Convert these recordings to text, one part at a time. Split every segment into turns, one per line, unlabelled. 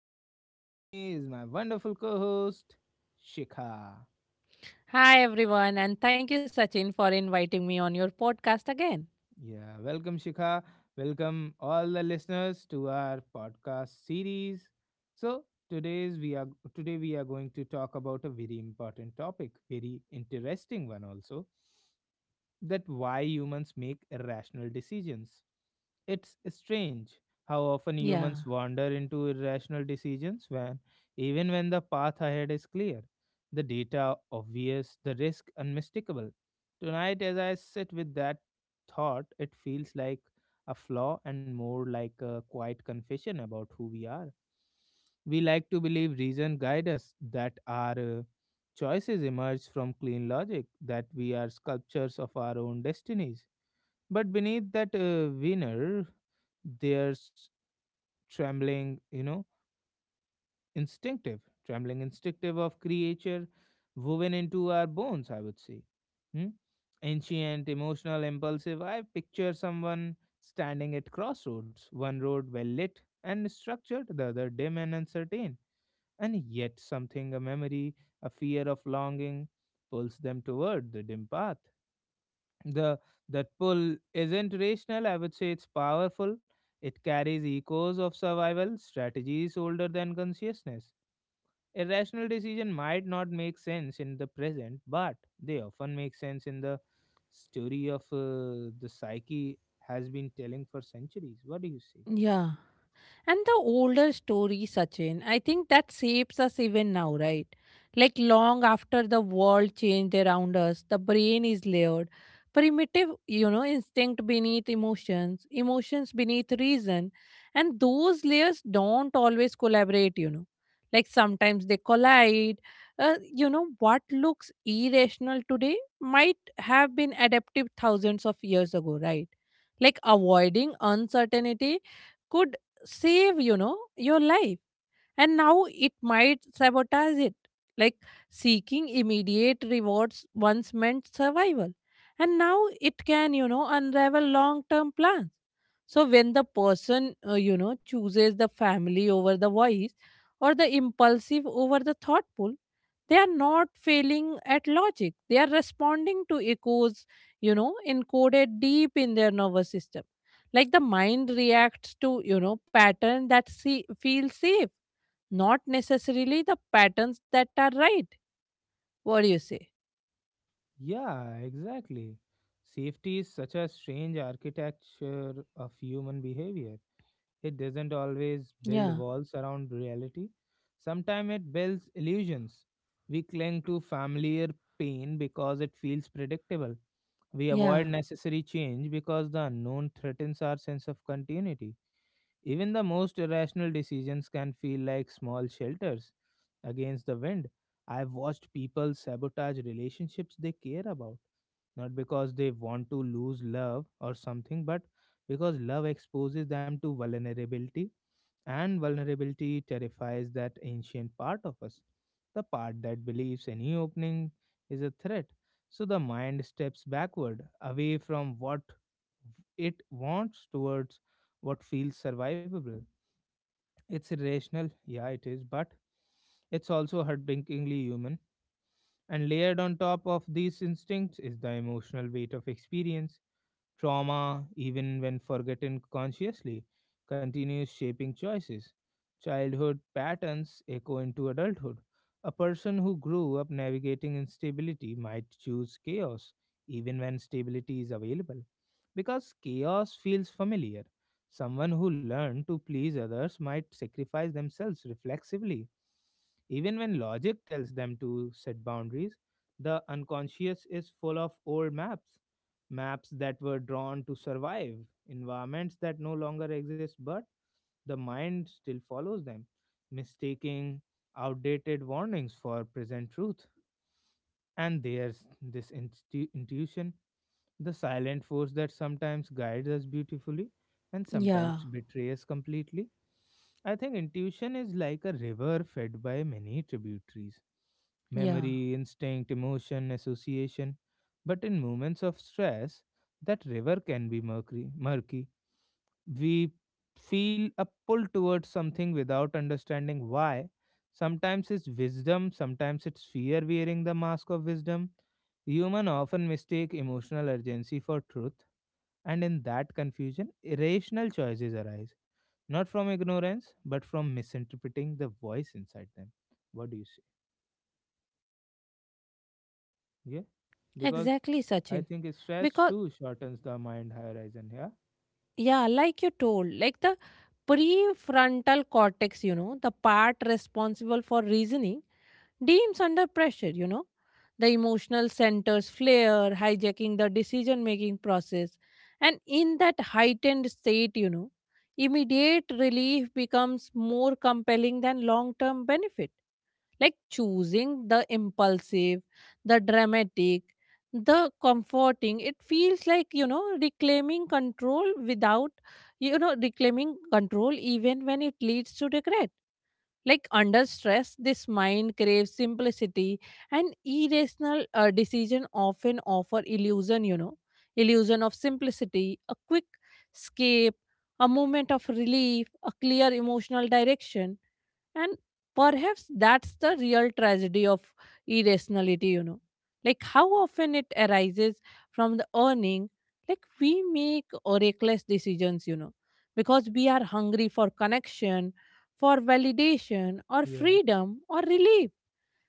Sachin, and with me is my wonderful co host, Shikha.
Hi, everyone, and thank you, Sachin, for inviting me on your podcast again.
Yeah, welcome, Shikha. Welcome, all the listeners, to our podcast series. So, today's we are today we are going to talk about a very important topic, very interesting one also, that why humans make irrational decisions. It's strange how often
Yeah.
humans wander into irrational decisions when even when the path ahead is clear, the data obvious, the risk unmistakable. Tonight as I sit with that thought, it feels like a flaw and more like a quiet confession about who we are. We like to believe reason guide us, that our choices emerge from clean logic, that we are sculptures of our own destinies. But beneath that veneer, there's trembling, you know, instinctive, trembling instinctive of creature woven into our bones, I would say. Hmm? Ancient, emotional, impulsive. I picture someone standing at crossroads, one road well lit and structured, the other dim and uncertain, and yet something, a memory, a fear of longing, pulls them toward the dim path. The That pull isn't rational, I would say it's powerful. It carries echoes of survival strategies older than consciousness. Irrational decision might not make sense in the present, but they often make sense in the story of the psyche has been telling for centuries. What do you say?
Yeah. And the older story, Sachin, I think that shapes us even now, right? Like long after the world changed around us, the brain is layered. Primitive, you know, instinct beneath emotions, emotions beneath reason. And those layers don't always collaborate, you know. Like sometimes they collide. What looks irrational today might have been adaptive thousands of years ago, right? Like avoiding uncertainty could save, you know, your life, and now it might sabotage it. Like seeking immediate rewards once meant survival, and now it can, you know, unravel long term plans. So when the person, you know, chooses the family over the wise, or the impulsive over the thoughtful, they are not failing at logic. They are responding to echoes, you know, encoded deep in their nervous system. Like the mind reacts to, you know, pattern that see, feels safe, not necessarily the patterns that are right. What do you say?
Yeah, exactly. Safety is such a strange architecture of human behavior. It doesn't
Yeah,
always build walls around reality. Sometimes it builds illusions. We cling to familiar pain because it feels predictable. We
yeah,
avoid necessary change because the unknown threatens our sense of continuity. Even the most irrational decisions can feel like small shelters against the wind. I've watched people sabotage relationships they care about, not because they want to lose love or something, but because love exposes them to vulnerability, and vulnerability terrifies that ancient part of us, the part that believes any opening is a threat. So the mind steps backward, away from what it wants towards what feels survivable. It's irrational, yeah, it is, but it's also heartbreakingly human. And layered on top of these instincts is the emotional weight of experience. Trauma, even when forgotten consciously, continues shaping choices. Childhood patterns echo into adulthood. A person who grew up navigating instability might choose chaos, even when stability is available, because chaos feels familiar. Someone who learned to please others might sacrifice themselves reflexively, even when logic tells them to set boundaries. The unconscious is full of old maps, maps that were drawn to survive, environments that no longer exist, but the mind still follows them, mistaking outdated warnings for present truth. And there's this intuition, the silent force that sometimes guides us beautifully and sometimes
yeah,
betrays us completely. I think intuition is like a river fed by many tributaries,
yeah.
memory, instinct, emotion, association. But in moments of stress, that river can be murky. We feel a pull towards something without understanding why. Sometimes it's wisdom, sometimes it's fear wearing the mask of wisdom. Human often mistake emotional urgency for truth, and in that confusion, irrational choices arise, not from ignorance, but from misinterpreting the voice inside them. What do you say? Yeah, because
Exactly, Sachin.
I think stress
Because,
too shortens the mind horizon. Yeah,
yeah, like you told, like the prefrontal cortex, you know, the part responsible for reasoning, deems under pressure, you know. The emotional centers flare, hijacking the decision making process. And in that heightened state, you know, immediate relief becomes more compelling than long term benefit. Like choosing the impulsive, the dramatic, the comforting. It feels like, you know, reclaiming control without, you know, reclaiming control even when it leads to regret. Like under stress, this mind craves simplicity, and irrational decision often offer illusion, you know, illusion of simplicity, a quick escape, a moment of relief, a clear emotional direction, and perhaps that's the real tragedy of irrationality, you know. Like how often it arises from the earning, like we make reckless decisions, you know, because we are hungry for connection, for validation, or
yeah,
freedom, or relief.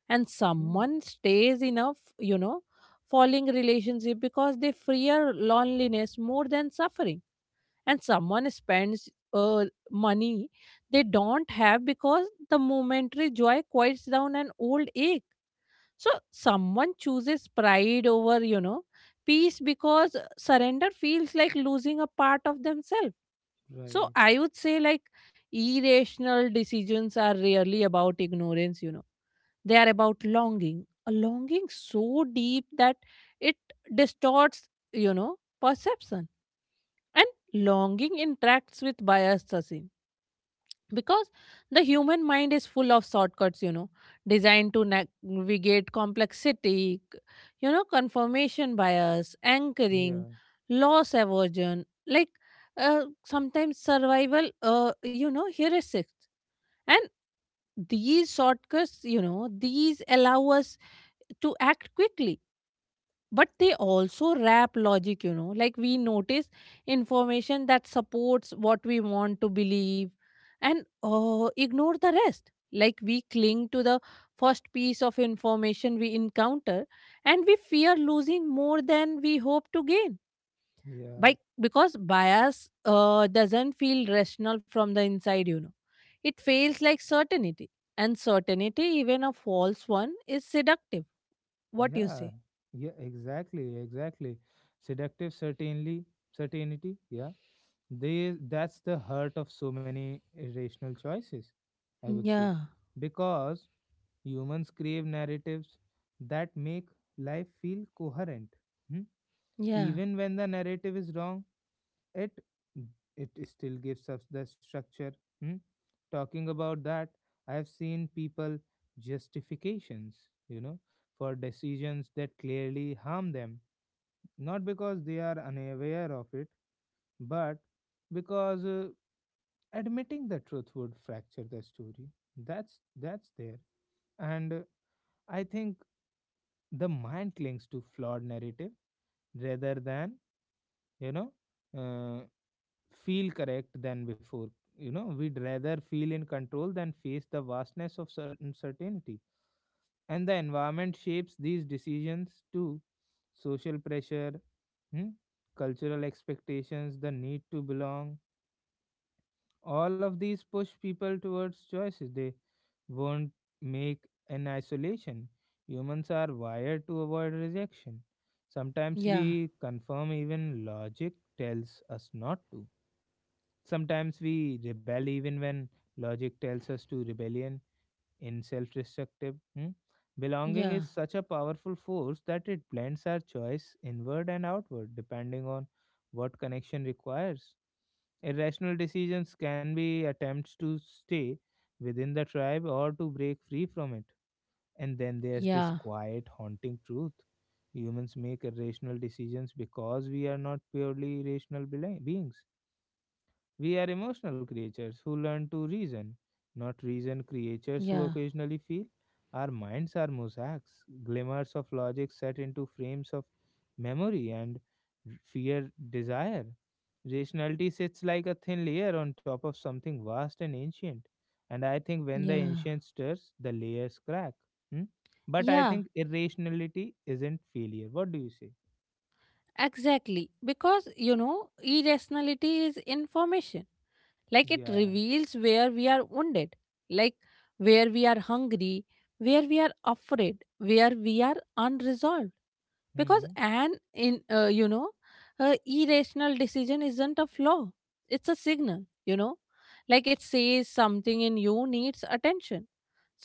And
yeah,
someone stays in a, you know, falling relationship because they fear loneliness more than suffering, and someone spends money they don't have because the momentary joy quiets down an old ache. So someone chooses pride over, you know, peace because surrender feels like losing a part of themselves.
right.
So I would say, like, irrational decisions are rarely about ignorance, you know. They are about longing. A longing so deep that it distorts, you know, perception. And longing interacts with bias, Sasin, because the human mind is full of shortcuts, you know, designed to navigate complexity, you know, confirmation bias, anchoring,
Yeah,
loss aversion, like, sometimes survival, you know, heuristics. And these shortcuts, you know, these allow us to act quickly, but they also wrap logic, you know. Like we notice information that supports what we want to believe, and ignore the rest. Like we cling to the first piece of information we encounter, and we fear losing more than we hope to gain,
yeah.
by because bias doesn't feel rational from the inside, you know. It feels like certainty, and certainty, even a false one, is seductive. What you
Yeah,
say?
yeah, exactly. Seductive certainly certainty, yeah. They That's the heart of so many irrational choices, I would
yeah
say. Because humans crave narratives that make life feel coherent. Hmm?
yeah
Even when the narrative is wrong, it it still gives us the structure. Hmm? Talking about that, I have seen people justifications, for decisions that clearly harm them, not because they are unaware of it, but because admitting the truth would fracture the story that's there. And I think the mind clings to flawed narrative rather than you know uh, feel correct than before. You know, we'd rather feel in control than face the vastness of uncertainty. And the environment shapes these decisions too. Social pressure, hmm, cultural expectations, the need to belong. All of these push people towards choices they won't make in isolation. Humans are wired to avoid rejection. Sometimes
Yeah,
we confirm even logic tells us not to. Sometimes we rebel even when logic tells us to rebellion in self destructive. Hmm? Belonging
yeah,
is such a powerful force that it blends our choice inward and outward depending on what connection requires. Irrational decisions can be attempts to stay within the tribe or to break free from it. And then there's this
yeah,
quiet, haunting truth. Humans make irrational decisions because we are not purely rational beings. We are emotional creatures who learn to reason, not reason
yeah,
creatures who occasionally feel. Our minds are mosaics, glimmers of logic set into frames of memory and fear desire. Rationality sits like a thin layer on top of something vast and ancient. And I think when the
yeah,
ancient stirs, the layers crack. Hmm? But I
yeah,
think irrationality isn't failure. What do you say?
exactly. Because, you know, irrationality is information. Like it
Yeah.
reveals where we are wounded, like where we are hungry, where we are afraid, where we are unresolved. Because
Hmm.
an in you know, irrational decision isn't a flaw, it's a signal, you know. Like it says something in you needs attention,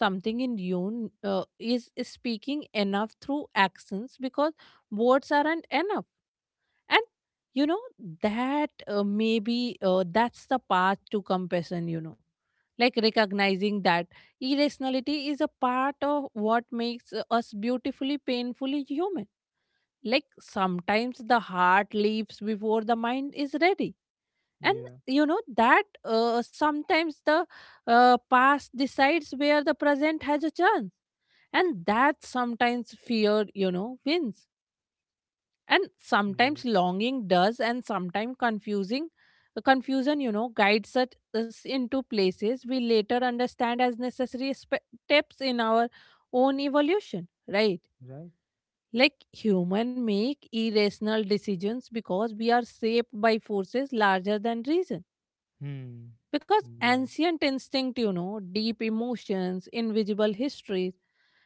something in you is speaking enough through actions because words aren't enough. And, you know, that maybe that's the path to compassion, you know. Like recognizing that irrationality is a part of what makes us beautifully painfully human. Like sometimes the heart leaves before the mind is ready. And,
Yeah.
you know, that sometimes the past decides where the present has a chance. And that sometimes fear, you know, wins. And sometimes
Right.
longing does, and sometimes confusing confusion, you know, guides us into places we later understand as necessary steps in our own evolution, right?
Right.
Like human make irrational decisions because we are shaped by forces larger than reason.
Hmm.
Because
Right.
ancient instinct, you know, deep emotions, invisible histories,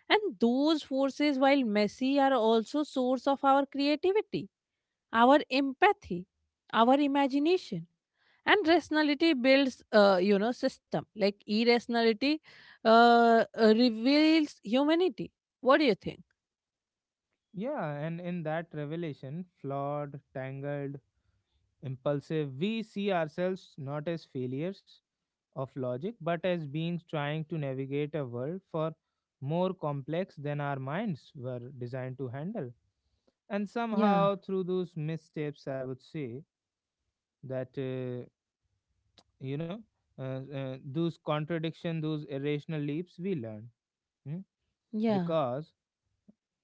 and those forces, while messy, are also source of our creativity, our empathy, our imagination. And rationality builds, you know, system. Like irrationality reveals humanity. What do you think?
Yeah, and in that revelation, flawed, tangled, impulsive, we see ourselves not as failures of logic, but as beings trying to navigate a world for more complex than our minds were designed to handle. And
yeah
somehow, through those missteps, I would say that, you know, those contradiction, those irrational leaps we learn. Hmm?
yeah
Because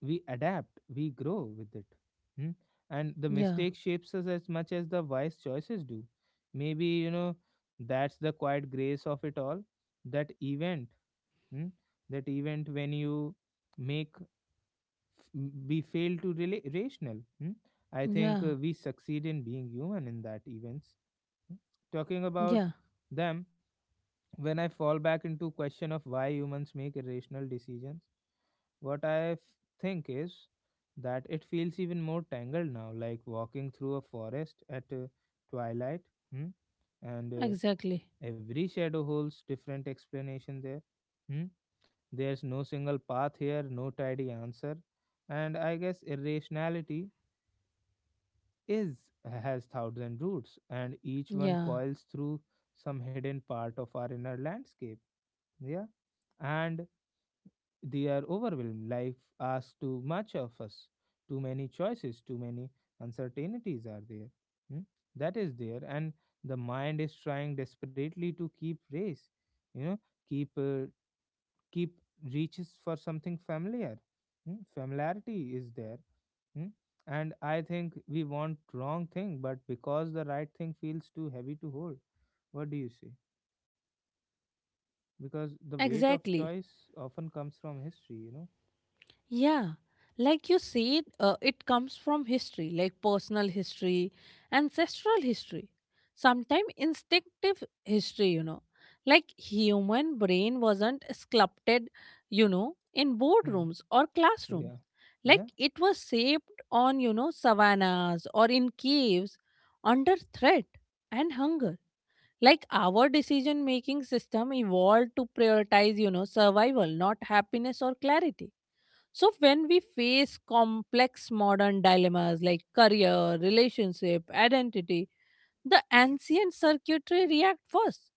we adapt, we grow with it. Hmm? And the
yeah
mistake shapes us as much as the wise choices do. Maybe, you know, that's the quiet grace of it all. That event, hmm, that event when you make f- we fail to rational. Hmm? I
yeah
think we succeed in being human in that events. Hmm? Talking about
Yeah,
them, when I fall back into question of why humans make irrational decisions, what I think is that it feels even more tangled now, like walking through a forest at twilight. Hmm? And
exactly.
every shadow holds different explanation there. Hmm? There's no single path here, no tidy answer. And I guess irrationality is has thousand roots, and each one
Yeah,
coils through some hidden part of our inner landscape. Yeah. And they are overwhelmed. Life asks too much of us. Too many choices, too many uncertainties are there. Hmm? That is there. And the mind is trying desperately to keep race, you know, keep, keep reaches for something familiar. Hmm? Familiarity is there. Hmm? And I think we want wrong thing, but because the right thing feels too heavy to hold. What do you say? Because the weight of
exactly.
choice often comes from history, you know.
Yeah. Like you said, it comes from history, like personal history, ancestral history, sometimes instinctive history, you know. Like human brain wasn't sculpted, you know, in
Hmm.
boardrooms or classrooms.
Yeah. Yeah.
Like it was shaped on, you know, savannas or in caves under threat and hunger. Like our decision making system evolved to prioritize, you know, survival, not happiness or clarity. So when we face complex modern dilemmas like career, relationship, identity, the ancient circuitry react first.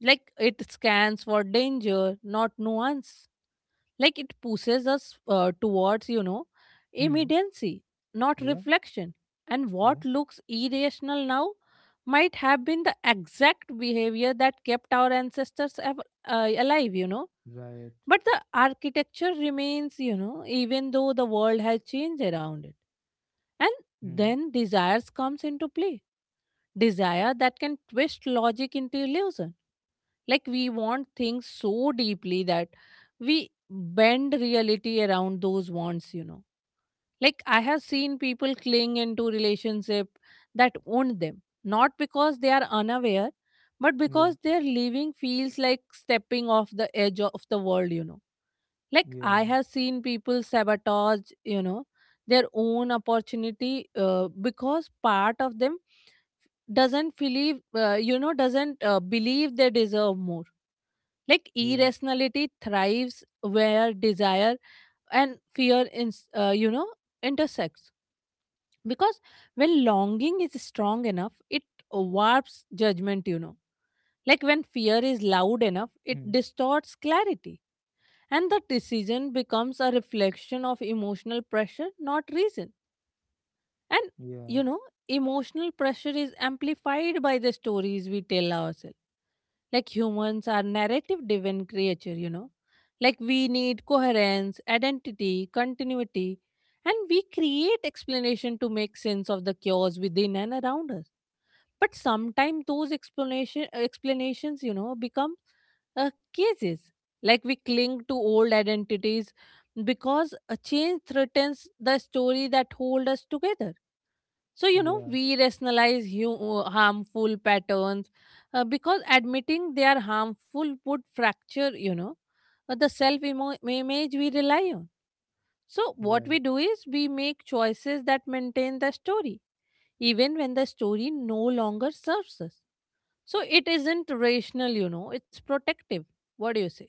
Like it scans for danger, not nuance. Like it pushes us towards, you know,
Hmm.
immediacy, not
Yeah.
reflection. And
Yeah.
what looks irrational now might have been the exact behavior that kept our ancestors alive, you know.
Right.
But the architecture remains, you know, even though the world has changed around it. And
Hmm.
then desires comes into play, desire that can twist logic into illusion. Like we want things so deeply that we bend reality around those wants, you know. Like I have seen people cling into relationship that own them, not because they are unaware, but
Yeah.
because their living feels like stepping off the edge of the world, you know. Like I
Yeah.
have seen people sabotage, you know, their own opportunity, because part of them doesn't believe, you know, doesn't believe they deserve more. Like
Yeah.
irrationality thrives where desire and fear you know, intersects, because when longing is strong enough, it warps judgment, you know. Like when fear is loud enough, it
Hmm.
distorts clarity, and the decision becomes a reflection of emotional pressure, not reason. And, you
Yeah,
know, emotional pressure is amplified by the stories we tell ourselves. Like humans are narrative driven creature, you know. Like we need coherence, identity, continuity, and we create explanation to make sense of the chaos within and around us. But sometimes those explanations, you know, become cases. Like we cling to old identities because a change threatens the story that hold us together. So, you know,
yeah,
we rationalize harmful patterns, because admitting they are harmful would fracture, you know, the self image we rely on. So, what
right.
we do is we make choices that maintain the story, even when the story no longer serves us. So, it isn't rational, you know, it's protective. What do you say?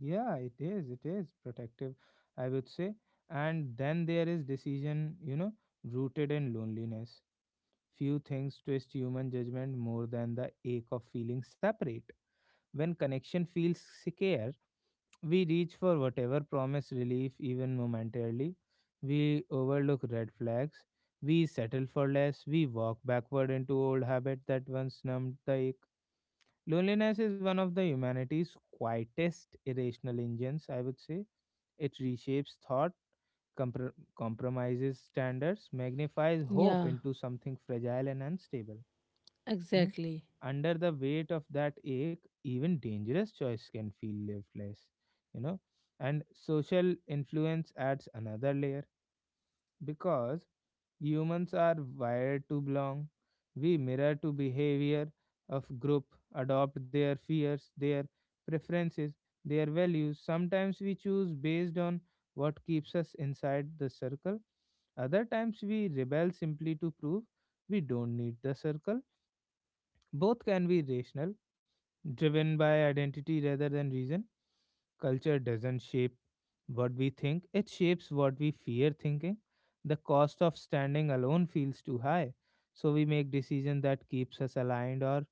Yeah, it is. It is protective, I would say. And then there is decision, you know, rooted in loneliness. Few things twist human judgment more than the ache of feeling separate. When connection feels secure, we reach for whatever promise relief, even momentarily. We overlook red flags. We settle for less. We walk backward into old habits that once numbed the ache. Loneliness is one of the humanity's quietest irrational engines, I would say. It reshapes thought, compromises standards, magnifies hope
Yeah,
into something fragile and unstable. Hmm?
exactly.
Under the weight of that ache, even dangerous choice can feel lifeless, you know. And social influence adds another layer because humans are wired to belong. We mirror to behavior of group, adopt their fears, their preferences, their values. Sometimes we choose based on what keeps us inside the circle. Other times we rebel simply to prove we don't need the circle. Both can be rational, driven by identity rather than reason. Culture doesn't shape what we think, it shapes what we fear thinking. The cost of standing alone feels too high, so we make decisions that keeps us aligned or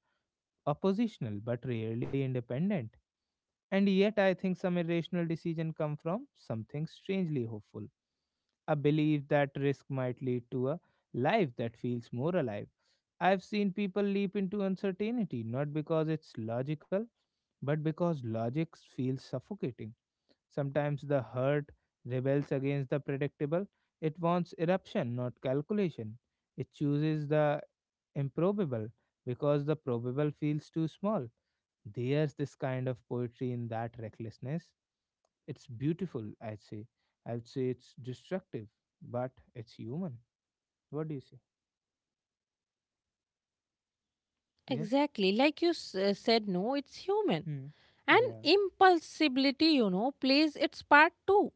oppositional but rarely independent. And yet I think some irrational decision come from something strangely hopeful, a belief that risk might lead to a life that feels more alive. I've seen people leap into uncertainty not because it's logical but because logic feels suffocating. Sometimes the hurt rebels against the predictable. It wants eruption, not calculation. It chooses the improbable because the probable feels too small. There's this kind of poetry in that recklessness. It's beautiful, I'd say. I would say it's destructive, but it's human. What do you say? Yeah.
Exactly. Like you said, no, it's human.
Hmm.
And
Yeah.
impulsivity, you know, plays its part too.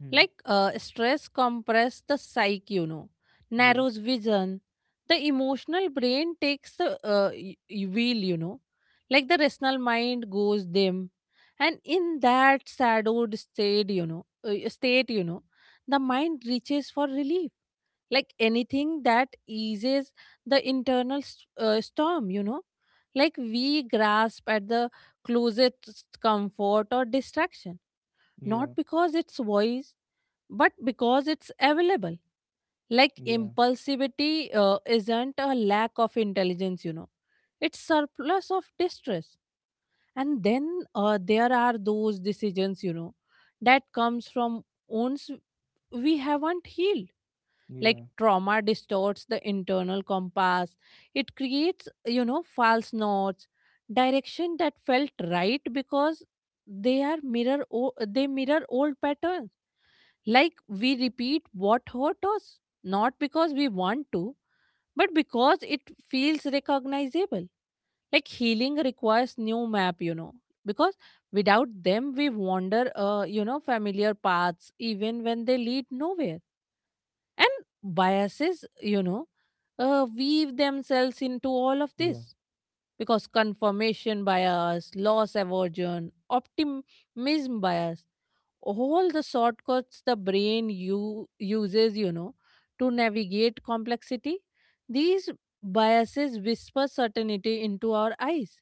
Hmm.
Like stress compress the psyche, you know,
Yeah.
narrows vision. The emotional brain takes the wheel, you know, like the rational mind goes dim, and in that shadowed state, you know, the mind reaches for relief, like anything that eases the internal storm, you know. Like we grasp at the closest comfort or distraction, not
Yeah.
because it's voice but because it's available. Like
Yeah.
impulsivity isn't a lack of intelligence, you know, it's surplus of distress. And then there are those decisions, you know, that comes from wounds we haven't healed. Like
Yeah.
trauma distorts the internal compass. It creates, you know, false knots, direction that felt right because they mirror old patterns. Like we repeat what hurt us, not because we want to, but because it feels recognizable. Like healing requires new map, you know, because without them we wander, you know, familiar paths even when they lead nowhere. And biases, you know, weave themselves into all of
Yeah.
this, because confirmation bias, loss aversion, optimism bias, all the shortcuts the brain you uses, you know, to navigate complexity, these biases whisper certainty into our eyes,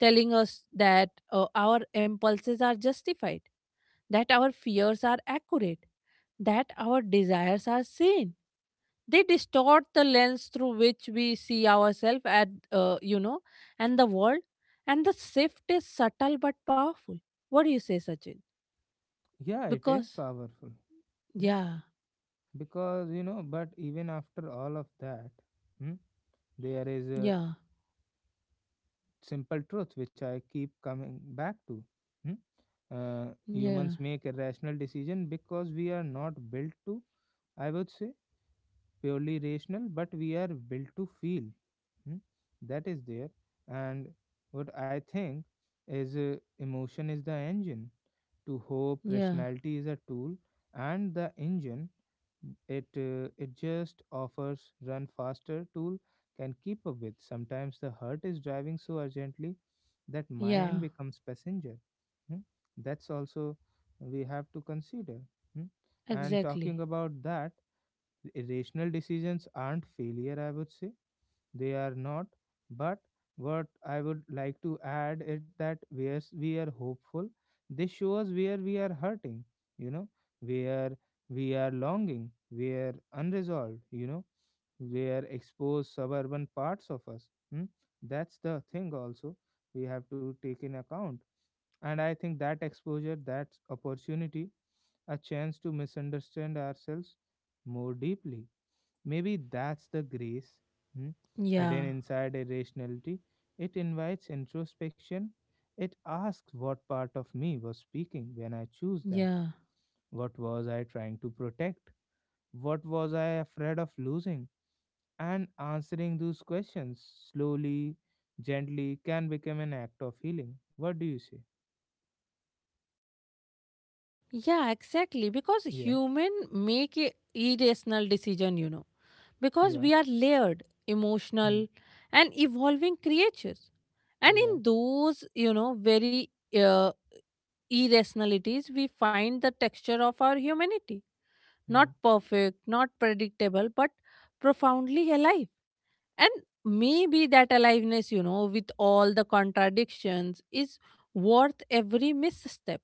telling us that our impulses are justified, that our fears are accurate, that our desires are sane. They distort the lens through which we see ourselves at, you know, and the world. And the shift is subtle but powerful. What do you say, Sachin?
Yeah. It is
Because,
powerful. Yeah.
yeah.
Because, you know, but even after all of that, hmm, there is a
Yeah,
simple truth which I keep coming back to. Hmm?
yeah,
Humans make a rational decision because we are not built to, I would say, purely rational, but we are built to feel. Hmm? That is there. And what I think is, emotion is the engine to hope,
yeah,
rationality is a tool. And the engine, it just offers run faster tool can keep up with. Sometimes the heart is driving so urgently that mind
yeah,
becomes passenger. Hmm? That's also we have to consider. Hmm? And
exactly.
talking about that, irrational decisions aren't failure, I would say. They are not. But what I would like to add is that where we are hopeful, they show us where we are hurting you know where we are longing, where unresolved, where exposed suburban parts of us. Hmm? That's the thing also we have to take in account. And I think that exposure, that opportunity, a chance to misunderstand ourselves more deeply. Maybe that's the grace, hmm, hidden
Yeah,
inside irrationality. It invites introspection. It asks what part of me was speaking when I choose that.
yeah,
What was I trying to protect? What was I afraid of losing? And answering those questions slowly, gently can become an act of healing. What do you say?
yeah, exactly. Because
Yeah,
human make a irrational decision, you know, because
yeah.
we are layered,
Hmm.
emotional, and evolving creatures. And
Yeah.
in those, you know, very uh, irrationalities, we find the texture of our humanity. Not
Hmm.
perfect, not predictable, but profoundly alive. And maybe that aliveness, you know, with all the contradictions, is worth every misstep.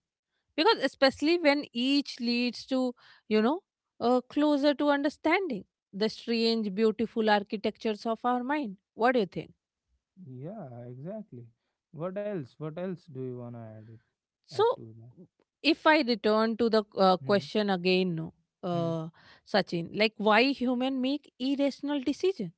Because, especially when each leads to, you know, closer to understanding the strange, beautiful architectures of our mind. What do you think?
Yeah, exactly. What else? What else do you want to add it
So,
add to that?
if I return to the
Hmm,
question again, no,
hmm.
uh, Sachin, like why human make irrational decisions?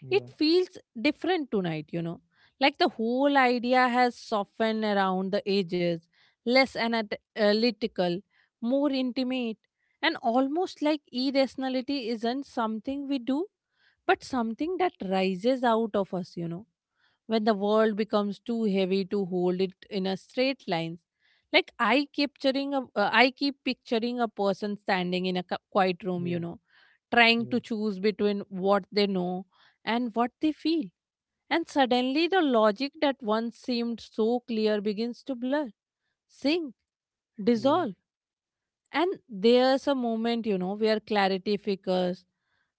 Yeah,
It feels different tonight, you know. Like the whole idea has softened around the edges, less analytical, more intimate, and almost like irrationality isn't something we do, but something that rises out of us, when the world becomes too heavy to hold it in a straight lines. Like I keep picturing a person standing in a quiet room,
yeah,
trying
yeah,
to choose between what they know and what they feel, and suddenly the logic that once seemed so clear begins to blur, sink,
yeah.
dissolve. And there's a moment, where clarity flickers.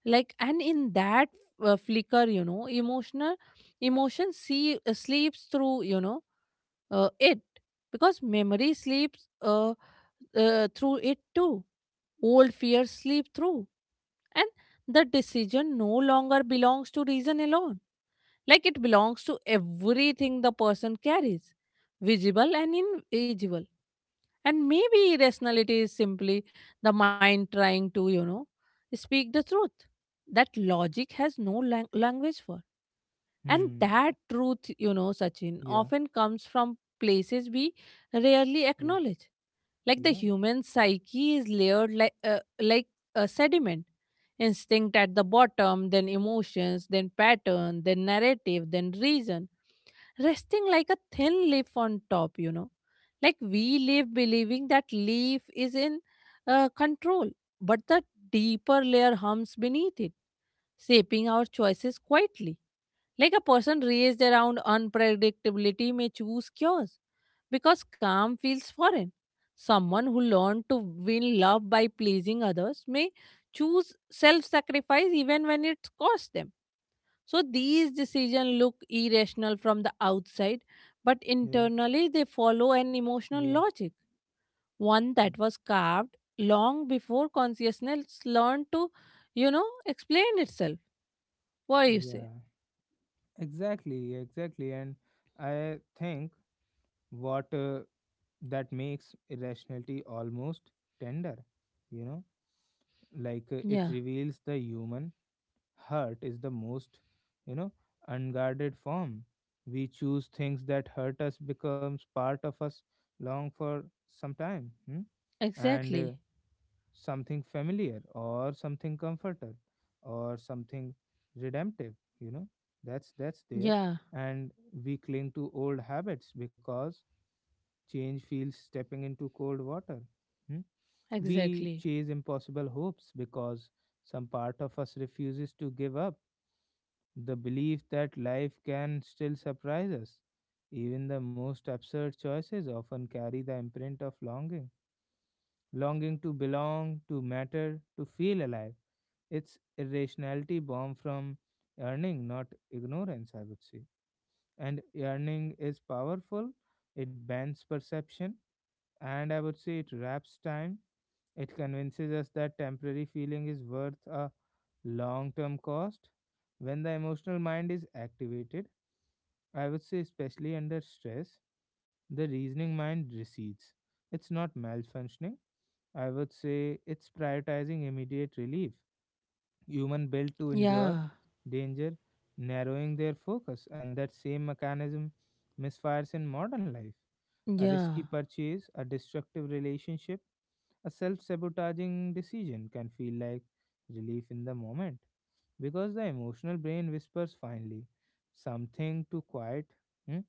Like and in that flicker, emotional emotion see sleeps through, you know it because memory sleeps through it too. Old fears sleep through, and the decision no longer belongs to reason alone. Like it belongs to everything the person carries, visible and invisible. And maybe irrationality is simply the mind trying to, speak the truth that logic has no language for. And
Hmm.
that truth, Sachin,
Yeah,
often comes from places we rarely
yeah,
acknowledge. Like the
yeah,
human psyche is layered like, like a sediment: instinct at the bottom, then emotions, then pattern, then narrative, then reason, resting like a thin leaf on top, like we live believing that leaf is in control, but the deeper layer hums beneath it, shaping our choices quietly. Like a person raised around unpredictability may choose cures because calm feels foreign. Someone who learned to win love by pleasing others may choose self sacrifice even when it costs them. So these decisions look irrational from the outside, but
yeah,
internally they follow an emotional
yeah,
logic, one
y-
that was carved long before consciousness learned to, explain itself. What do you say?
yeah. Exactly, exactly. And I think what that makes irrationality almost tender, you know, like it
Yeah,
reveals the human hurt is the most, you know, unguarded form. We choose things that hurt us becomes part of us long for some time. Hmm? And
exactly.
something familiar or something comforter or something redemptive, you know, that's there.
Yeah,
And we cling to old habits because change feels stepping into cold water. Hmm? We
exactly.
chase impossible hopes because some part of us refuses to give up the belief that life can still surprise us. Even the most absurd choices often carry the imprint of longing, longing to belong, to matter, to feel alive. It's irrationality born from yearning, not ignorance, I would say. And yearning is powerful, it bends perception, and I would say it wraps time. It convinces us that temporary feeling is worth a long term cost. When the emotional mind is activated, I would say, especially under stress, the reasoning mind recedes. It's not malfunctioning. I would say it's prioritizing immediate relief. Human built to endure
Yeah,
danger, narrowing their focus, and that same mechanism misfires in modern life. A risky
yeah,
purchase, a destructive relationship, a self sabotaging decision can feel like relief in the moment because the emotional brain whispers finally something to quiet. hmm,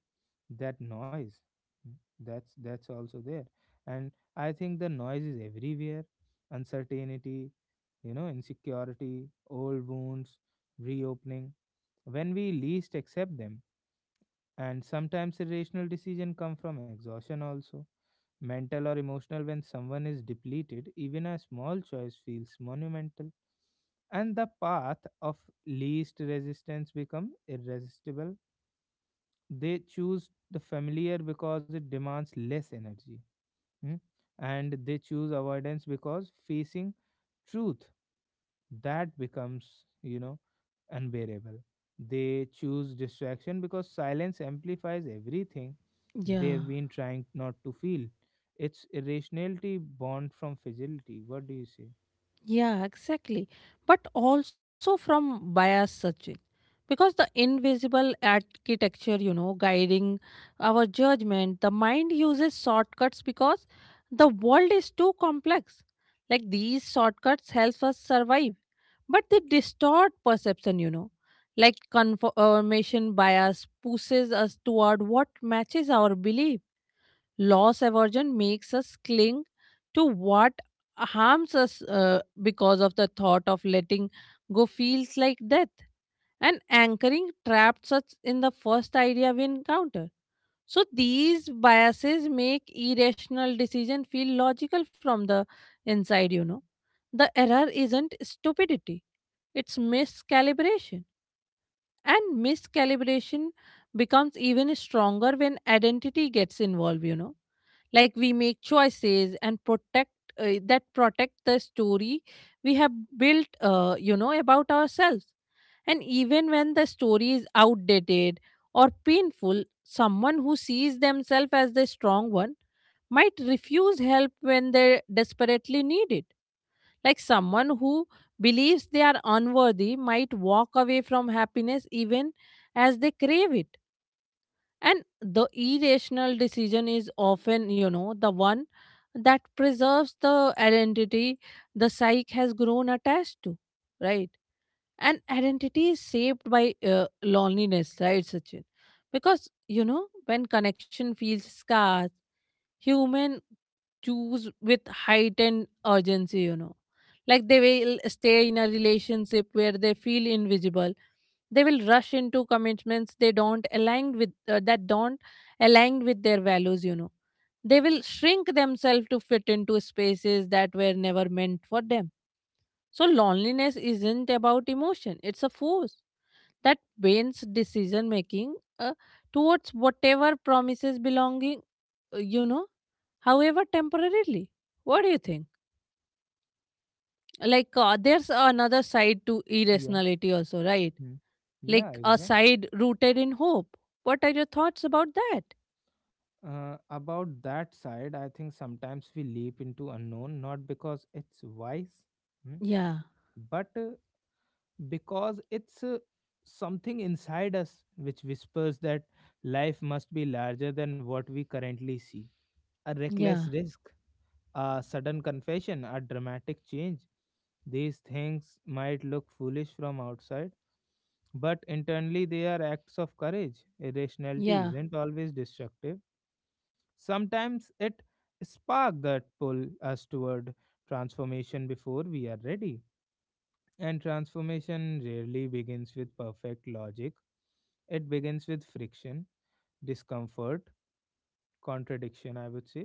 that noise, mm, that's also there. And I think the noise is everywhere: uncertainty, you know, insecurity, old wounds reopening when we least accept them. And sometimes irrational decision come from exhaustion also, mental or emotional. When someone is depleted even a small choice feels monumental, and the path of least resistance become irresistible. They choose the familiar because it demands less energy. Hmm? And they choose avoidance because facing truth that becomes, you know, unbearable. They choose distraction because silence amplifies everything. They have
yeah.
been trying not to feel. It's irrationality born from fragility. What do you say?
Yeah, exactly. But also from bias, Sachin. Because the invisible architecture, guiding our judgment, the mind uses shortcuts because the world is too complex. Like these shortcuts help us survive, but they distort perception, Like confirmation bias pushes us toward what matches our belief. Loss aversion makes us cling to what harms us because of the thought of letting go feels like death, and anchoring traps us in the first idea we encounter. So these biases make irrational decision feel logical from the inside, The error isn't stupidity, it's miscalibration. And miscalibration becomes even stronger when identity gets involved, like we make choices and protect that protect the story we have built, about ourselves. And even when the story is outdated or painful, someone who sees themselves as the strong one might refuse help when they desperately need it. Like someone who believes they are unworthy might walk away from happiness even as they crave it. And the irrational decision is often, the one that preserves the identity the psyche has grown attached to, right? And identity is shaped by loneliness, right, Sachin? Because, when connection feels scarce, human choose with heightened urgency, like they will stay in a relationship where they feel invisible, they will rush into commitments they don't align with that don't align with their values, they will shrink themselves to fit into spaces that were never meant for them. So loneliness isn't about emotion, it's a force that bends decision making towards whatever promises belonging, uh, you know however temporarily. What do you think? Like there's another side to
Yeah.
irrationality also, right?
Hmm. Yeah.
Like a side rooted in hope. What are your thoughts about that?
About that side, I think sometimes we leap into unknown not because it's wise, hmm,
Yeah,
but because it's something inside us which whispers that life must be larger than what we currently see. A
yeah,
reckless risk, a sudden confession, a dramatic change. These things might look foolish from outside, but internally they are acts of courage.
yeah,
Irrationality isn't always destructive. Sometimes it spark that pull us toward transformation before we are ready. And transformation rarely begins with perfect logic. It begins with friction, discomfort, contradiction, I would say.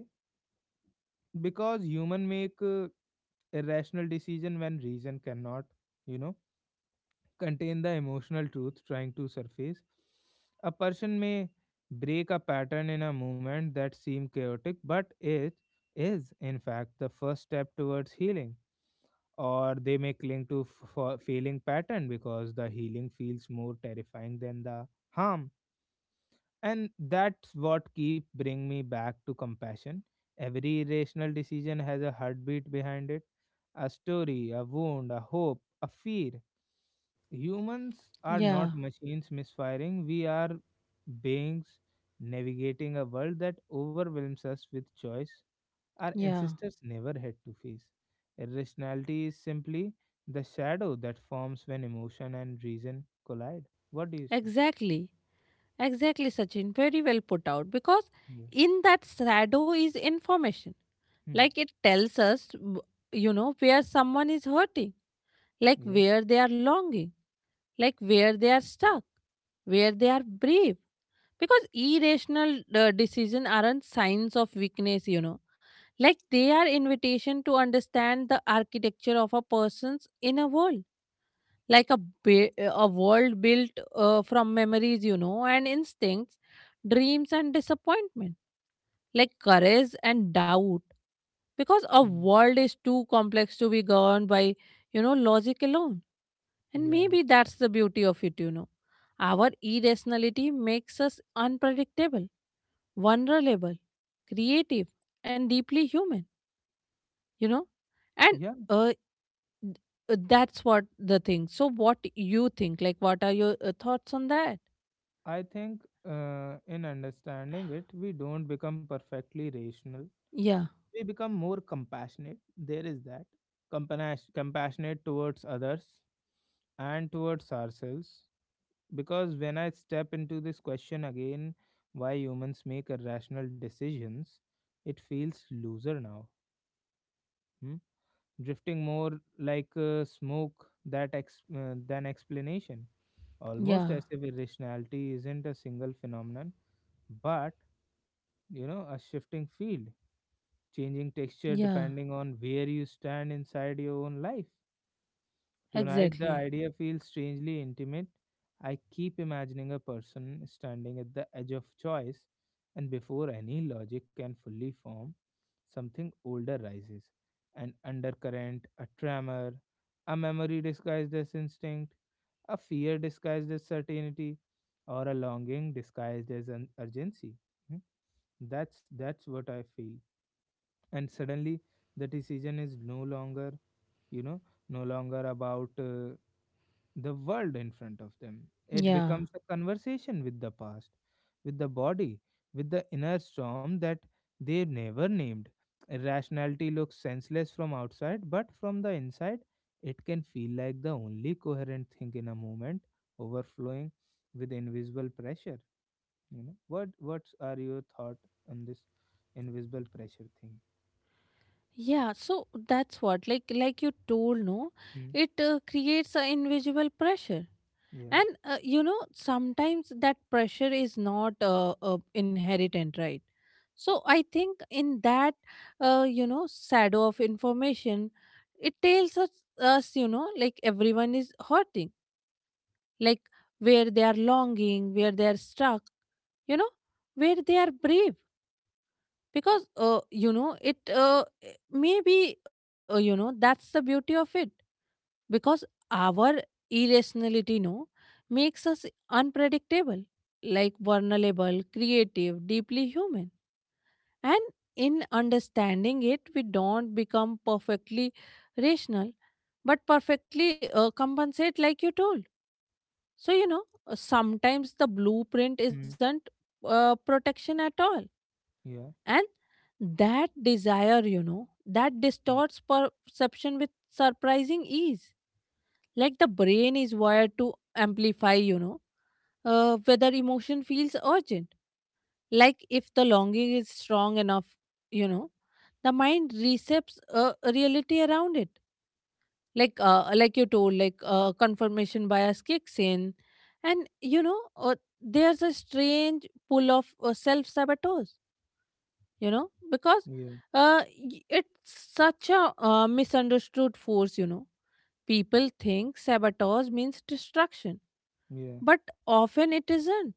Because human make irrational decision when reason cannot, you know, contain the emotional truth trying to surface. A person may break a pattern in a movement that seemed chaotic, but it is, in fact, the first step towards healing. Or they may cling to for failing pattern because the healing feels more terrifying than the harm. And that's what keep bring me back to compassion. Every irrational decision has a heartbeat behind it: a story, a wound, a hope, a fear. Humans are
yeah,
not machines misfiring. We are beings navigating a world that overwhelms us with choice our
yeah,
ancestors never had to face. Irrationality is simply the shadow that forms when emotion and reason collide. What do you say?
exactly. Exactly, Sachin, very well put out. Because
Yeah.
in that shadow is information.
Hmm.
Like it tells us where someone is hurting, like
Yeah.
where they are longing, like where they are stuck, where they are brave. Because irrational decision aren't signs of weakness, like they are invitation to understand the architecture of a person's inner world. Like a world built from memories, and instincts, dreams and disappointment, like courage and doubt. Because a
Hmm.
world is too complex to be governed by, logic alone. And
Yeah.
maybe that's the beauty of it, our irrationality makes us unpredictable, vulnerable, creative, and deeply human, you know? And
Yeah.
uh, th- that's what the thing. So, what you think? Like, what are your thoughts on that?
I think in understanding it, we don't become perfectly rational.
Yeah,
We become more compassionate. There is that. Compassionate towards others and towards ourselves. Because when I step into this question again, why humans make irrational decisions, it feels looser now. Hmm? Drifting more, like smoke that than explanation, almost
yeah,
as if irrationality isn't a single phenomenon, but, you know, a shifting field, changing texture
yeah,
depending on where you stand inside your own life.
exactly.
Tonight, the idea feels strangely intimate. I keep imagining a person standing at the edge of choice, and before any logic can fully form, something older rises, an undercurrent, a tremor, a memory disguised as instinct, a fear disguised as certainty, or a longing disguised as an urgency. Hmm? That's what I feel. And suddenly the decision is no longer you know no longer about the world in front of them. It
Yeah.
becomes a conversation with the past, with the body, with the inner storm that they never named. Irrationality looks senseless from outside, but from the inside, it can feel like the only coherent thing in a moment, overflowing with invisible pressure. You know what? What are your thought on this invisible pressure thing?
Yeah, so that's what like you told, no,
Hmm?
it creates an invisible pressure.
Yeah.
And sometimes that pressure is not inherent, right? So I think in that, shadow of information, it tells us, us, like everyone is hurting, like where they are longing, where they are stuck, you know, where they are brave. Because, you know, it maybe, you know, that's the beauty of it. Because our irrationality, no, makes us unpredictable, like vulnerable, creative, deeply human. And in understanding it, we don't become perfectly rational, but perfectly compensate, like you told. So, sometimes the blueprint
Hmm.
isn't protection at all.
Yeah.
And that desire, that
Hmm.
distorts perception with surprising ease. Like the brain is wired to amplify, whether emotion feels urgent. Like if the longing is strong enough, you know the mind resets a reality around it, like you told, like confirmation bias kicks in. And you know uh, there's a strange pull of self sabotage, you know because
Yeah.
uh, it's such a misunderstood force, people think sabotage means destruction,
Yeah.
but often it isn't.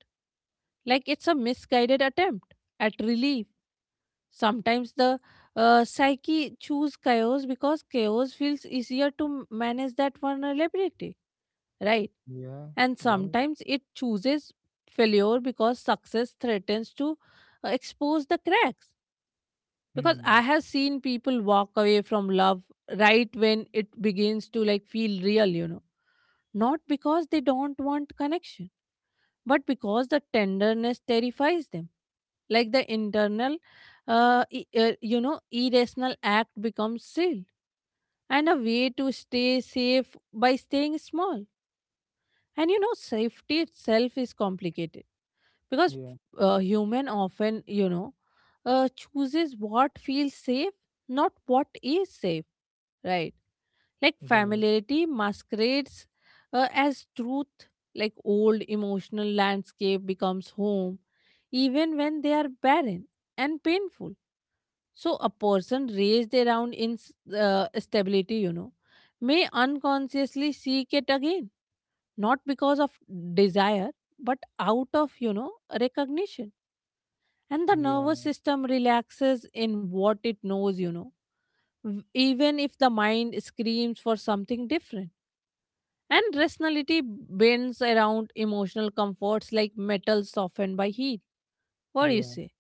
Like it's a misguided attempt at relief. Sometimes the psyche choose chaos because chaos feels easier to manage that vulnerability, right?
Yeah.
And
Right.
sometimes it chooses failure because success threatens to expose the cracks. Because I
Hmm.
have seen people walk away from love right when it begins to like feel real, not because they don't want connection, but because the tenderness terrifies them. Like the internal irrational act becomes seal, and a way to stay safe by staying small. And safety itself is complicated, because
Yeah.
human often, chooses what feels safe, not what is safe, right? Like
Right.
familiarity masquerades as truth. Like old emotional landscape becomes home, even when they are barren and painful. So, a person raised around instability, may unconsciously seek it again, not because of desire, but out of, recognition. And the nervous
Yeah.
system relaxes in what it knows, even if the mind screams for something different. And rationality bends around emotional comforts like metal softened by heat. What do you
Yeah.
say?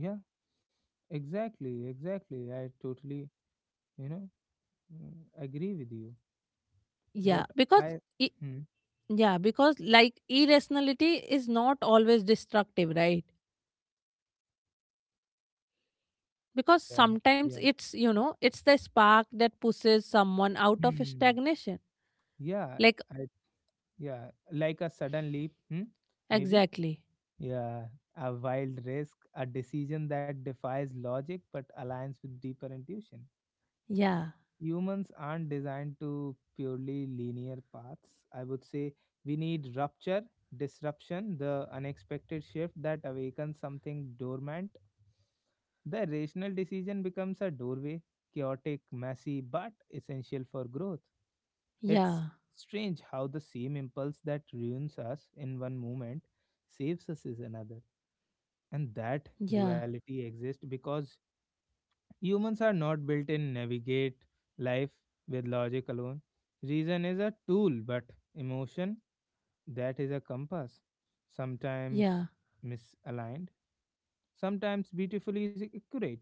Yeah. Exactly. Exactly. I totally, you know, agree with you.
Yeah,
What
because
I.
i-
Hmm.
yeah, because like irrationality is not always destructive, right? Because
Yeah.
sometimes
Yeah.
it's, it's the spark that pushes someone out of
Hmm.
stagnation.
Yeah.
Like,
I. Yeah. Like a sudden leap. Hmm. Maybe.
exactly.
Yeah. A wild risk. A decision that defies logic but aligns with deeper intuition.
Yeah,
Humans aren't designed to purely linear paths, I would say. We need rupture, disruption, the unexpected shift that awakens something dormant. The rational decision becomes a doorway, chaotic, messy, but essential for growth. It's
yeah,
strange how the same impulse that ruins us in one moment saves us is another. And that
yeah,
duality exists because humans are not built in navigate life with logic alone. Reason is a tool, but emotion, that is a compass. Sometimes
yeah,
misaligned, sometimes beautifully is accurate.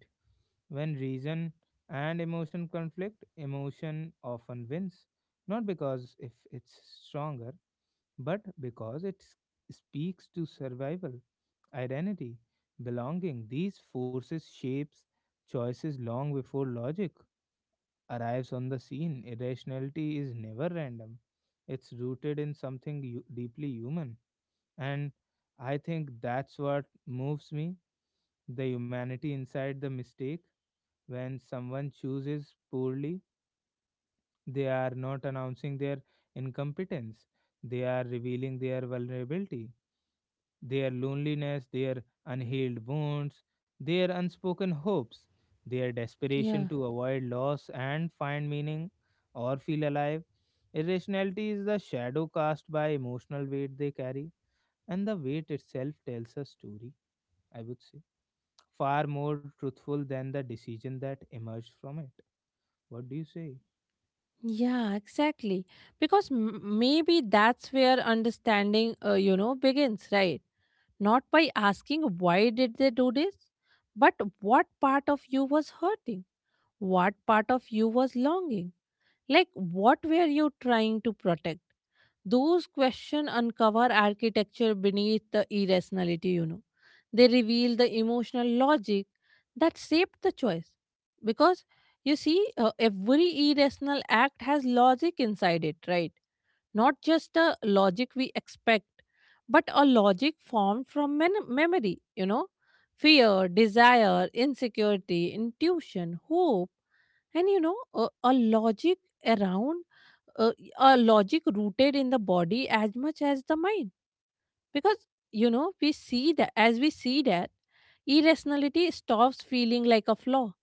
When reason and emotion conflict, emotion often wins. Not because if it's stronger, but because it speaks to survival, identity, belonging. These forces shapes choices long before logic arrives on the scene. Irrationality is never random. It's rooted in something deeply human. And I think that's what moves me, the humanity inside the mistake. When someone chooses poorly, they are not announcing their incompetence, they are revealing their vulnerability, their loneliness, their unhealed wounds, their unspoken hopes, their desperation
yeah,
to avoid loss and find meaning or feel alive. Irrationality is the shadow cast by emotional weight they carry, and the weight itself tells a story, I would say, far more truthful than the decision that emerged from it. What do you say?
yeah, exactly. Because maybe that's where understanding, begins, right? Not by asking why did they do this, but what part of you was hurting, what part of you was longing. Like, what were you trying to protect? Those questions uncover architecture beneath the irrationality, They reveal the emotional logic that shaped the choice. Because, you see, every irrational act has logic inside it, right? Not just the logic we expect, but a logic formed from memory, Fear, desire, insecurity, intuition, hope, and a logic around, uh, a logic rooted in the body as much as the mind. Because, as we see that, irrationality stops feeling like a flaw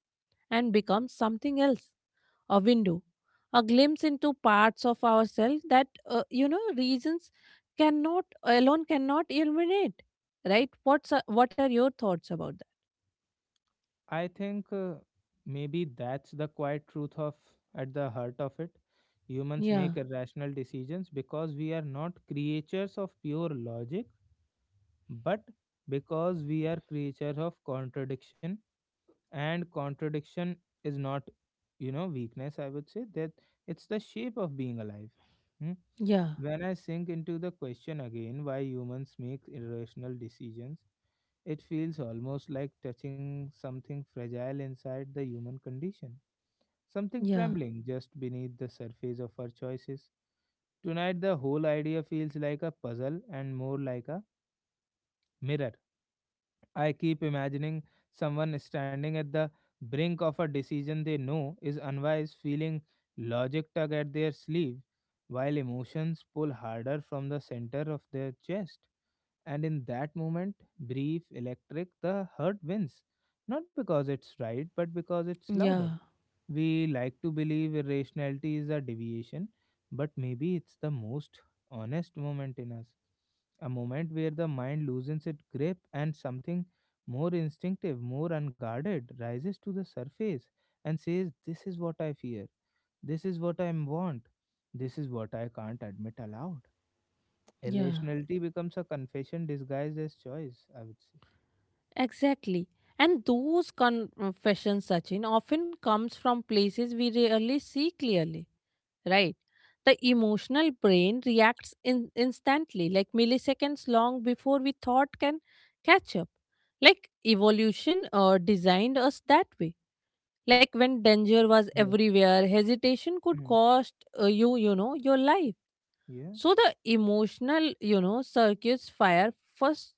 and becomes something else, a window, a glimpse into parts of ourselves that, reasons cannot, alone cannot illuminate. Right? What are your thoughts about that?
I think maybe that's the quiet truth of at the heart of it. Humans
Yeah,
make irrational decisions because we are not creatures of pure logic, but because we are creatures of contradiction. And contradiction is not, you know, weakness, I would say. That, it's the shape of being alive. Hmm?
yeah,
When I sink into the question again, why humans make irrational decisions, it feels almost like touching something fragile inside the human condition, something
yeah,
trembling just beneath the surface of our choices. Tonight the whole idea feels like a puzzle and more like a mirror. I keep imagining someone standing at the brink of a decision they know is unwise, feeling logic tug at their sleeve, while emotions pull harder from the center of their chest. And in that moment, brief, electric, the hurt wins. Not because it's right, but because it's louder.
yeah,
We like to believe irrationality is a deviation, but maybe it's the most honest moment in us. A moment where the mind loosens its grip and something more instinctive, more unguarded rises to the surface and says, "This is what I fear. This is what I want. This is what I can't admit aloud."
yeah.
Irrationality becomes a confession disguised as choice, I would say.
Exactly. And those confessions, Sachin, often comes from places we rarely see clearly, right? The emotional brain reacts in instantly, like milliseconds long before we thought can catch up. Like evolution designed us that way. Like when danger was
Yeah.
everywhere, hesitation could
Mm.
cost your life.
Yeah.
So the emotional, circuits fire first,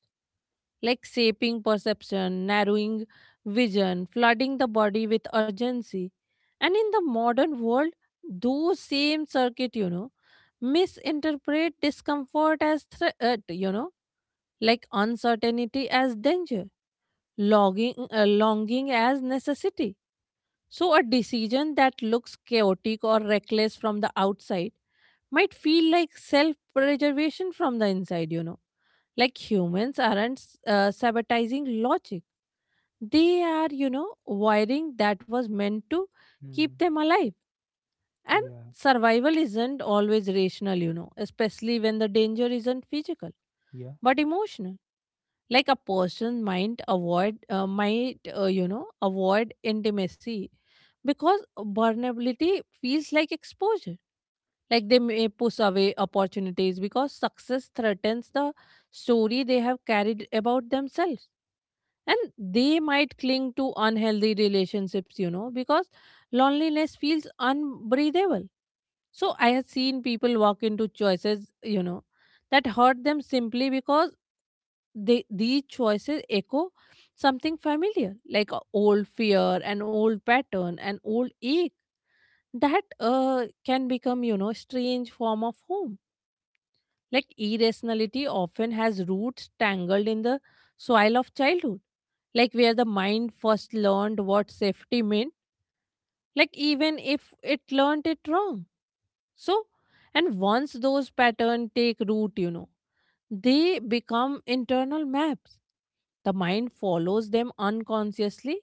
like shaping perception, narrowing vision, flooding the body with urgency. And in the modern world, those same circuit, misinterpret discomfort as threat, like uncertainty as danger, longing as necessity. So, a decision that looks chaotic or reckless from the outside might feel like self preservation from the inside, Like humans aren't sabotaging logic. They are, wiring that was meant to
Mm.
keep them alive. And
Yeah.
survival isn't always rational, especially when the danger isn't physical
Yeah.
but emotional. Like a person might avoid, avoid intimacy because vulnerability feels like exposure. Like they may push away opportunities because success threatens the story they have carried about themselves. And they might cling to unhealthy relationships, you know, because loneliness feels unbreathable. So I have seen people walk into choices, you know, that hurt them simply because they these choices echo something familiar, like a old fear, an old pattern, an old ache that can become, you know, strange form of home. Like irrationality often has roots tangled in the soil of childhood, like where the mind first learned what safety meant, like even if it learned it wrong. So, and once those patterns take root, you know, they become internal maps. The mind follows them unconsciously,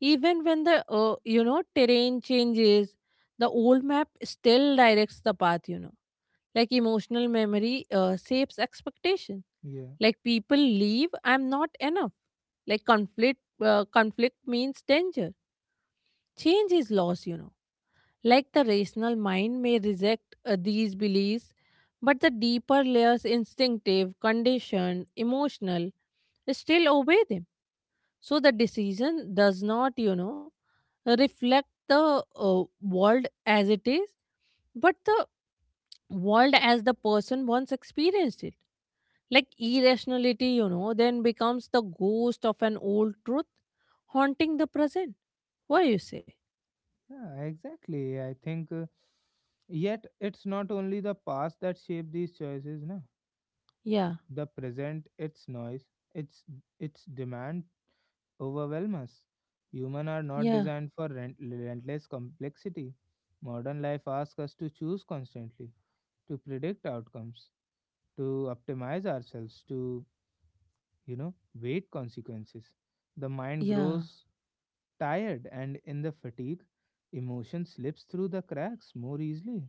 even when the you know terrain changes. The old map still directs the path. You know, like emotional memory shapes expectation.
Yeah.
Like people leave, I'm not enough. Like conflict means danger. Change is loss. You know, like the rational mind may reject these beliefs, but the deeper layers, instinctive, conditioned, emotional, still obey them. So the decision does not, you know, reflect the world as it is, but the world as the person once experienced it. Like irrationality, you know, then becomes the ghost of an old truth haunting the present. What do you say?
Yeah, exactly. I think yet it's not only the past that shape these choices, no.
Yeah,
The present, its noise, its its demand overwhelm us. Human are not
yeah,
designed for relentless complexity. Modern life asks us to choose constantly, to predict outcomes, to optimize ourselves, to, you know, wait consequences. The mind
yeah,
grows tired and in the fatigue, emotion slips through the cracks more easily.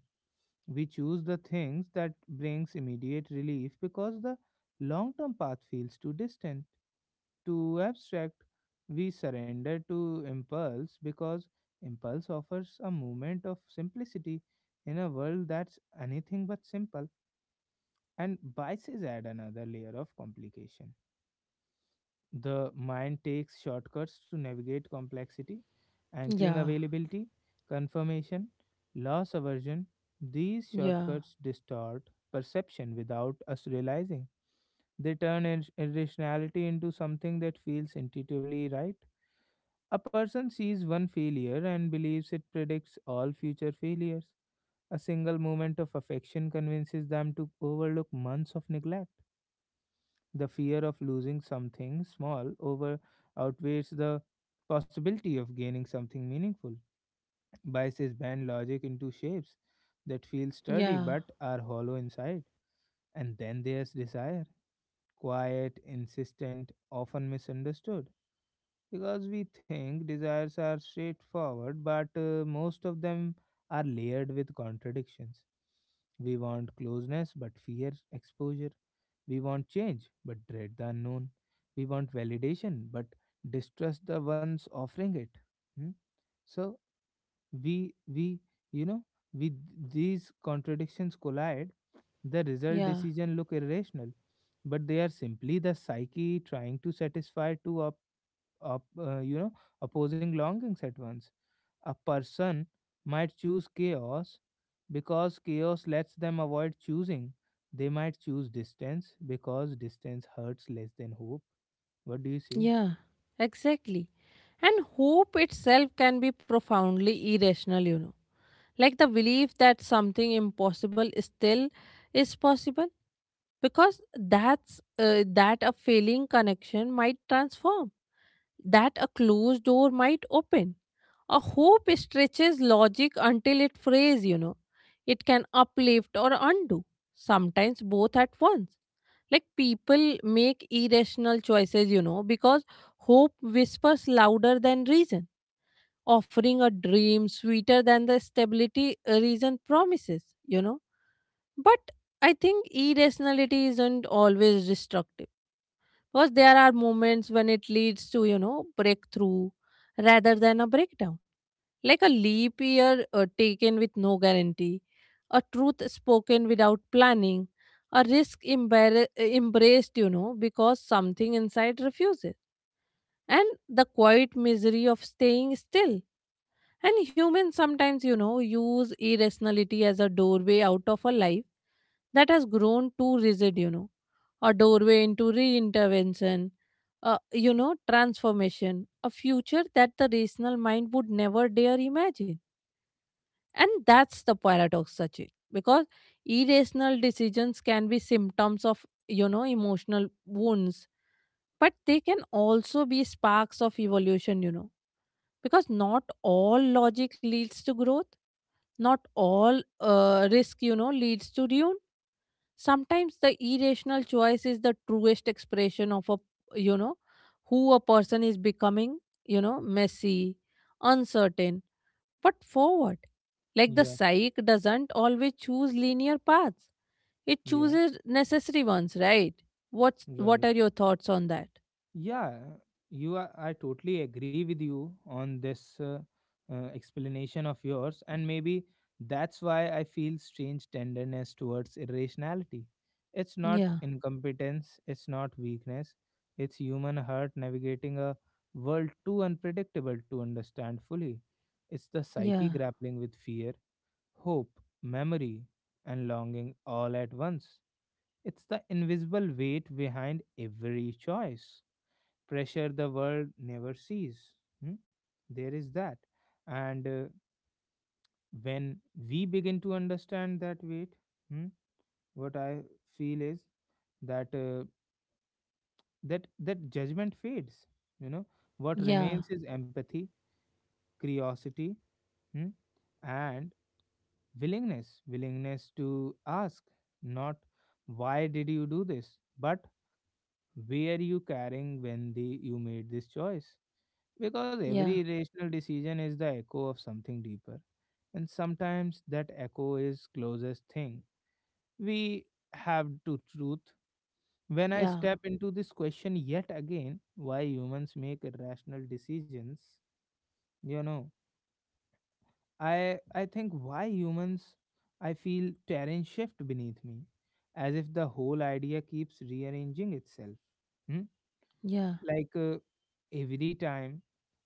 We choose the things that brings immediate relief because the long-term path feels too distant, too abstract. We surrender to impulse because impulse offers a moment of simplicity in a world that's anything but simple. And biases add another layer of complication. The mind takes shortcuts to navigate complexity, anchoring
yeah,
availability, confirmation, loss aversion. These
yeah.
shortcuts distort perception without us realizing. They turn irrationality into something that feels intuitively right. A person sees one failure and believes it predicts all future failures. A single moment of affection convinces them to overlook months of neglect. The fear of losing something small over outweighs the possibility of gaining something meaningful. Biases bend logic into shapes that feel sturdy
Yeah,
but are hollow inside. And then there's desire, quiet, insistent, often misunderstood. Because we think desires are straightforward, but most of them are layered with contradictions. We want closeness but fear exposure. We want change, but dread the unknown. We want validation, but distrust the ones offering it. Hmm? So we you know we These contradictions collide. The result
yeah,
decision look irrational, but they are simply the psyche trying to satisfy two up up you know opposing longings at once. A person might choose chaos because chaos lets them avoid choosing. They might choose distance because distance hurts less than hope. What do you say?
yeah, exactly. And hope itself can be profoundly irrational, you know. Like the belief that something impossible still is possible, because that a failing connection might transform, that a closed door might open, a hope stretches logic until it frays, you know. It can uplift or undo, sometimes both at once. Like people make irrational choices, you know, because hope whispers louder than reason, offering a dream sweeter than the stability reason promises, you know. But I think irrationality isn't always destructive, because there are moments when it leads to, you know, breakthrough rather than a breakdown. Like a leap year taken with no guarantee, a truth spoken without planning, a risk embraced, you know, because something inside refuses, and the quiet misery of staying still, and humans sometimes, you know, use irrationality as a doorway out of a life that has grown too rigid, you know, a doorway into reintervention, you know, transformation, a future that the rational mind would never dare imagine. And that's the paradox, Sachin, because irrational decisions can be symptoms of, you know, emotional wounds, but they can also be sparks of evolution, you know, because not all logic leads to growth, not all risk, you know, leads to ruin. Sometimes the irrational choice is the truest expression of a, you know, who a person is becoming, you know, messy, uncertain, but forward. Like the
Yeah,
psyche doesn't always choose linear paths. It
yeah,
chooses necessary ones, right? What
right.
are your thoughts on that?
Yeah, you are, I totally agree with you on this explanation of yours, and maybe that's why I feel strange tenderness towards irrationality. It's not
Yeah,
incompetence, it's not weakness, it's human heart navigating a world too unpredictable to understand fully. It's the psyche
yeah,
grappling with fear, hope, memory, and longing all at once. It's the invisible weight behind every choice pressure the world never sees. Hmm? There is that. And when we begin to understand that weight, hmm, what I feel is that uh, that judgment fades. You know, what
yeah,
remains is empathy, curiosity, hmm, and willingness. Willingness to ask, not why did you do this, but where you carrying when the you made this choice. Because
yeah,
every irrational decision is the echo of something deeper, and sometimes that echo is closest thing we have to truth. When I
yeah,
step into this question yet again, why humans make irrational decisions, you know, I think why humans I feel terrain shift beneath me, as if the whole idea keeps rearranging itself. Hmm?
yeah,
Like every time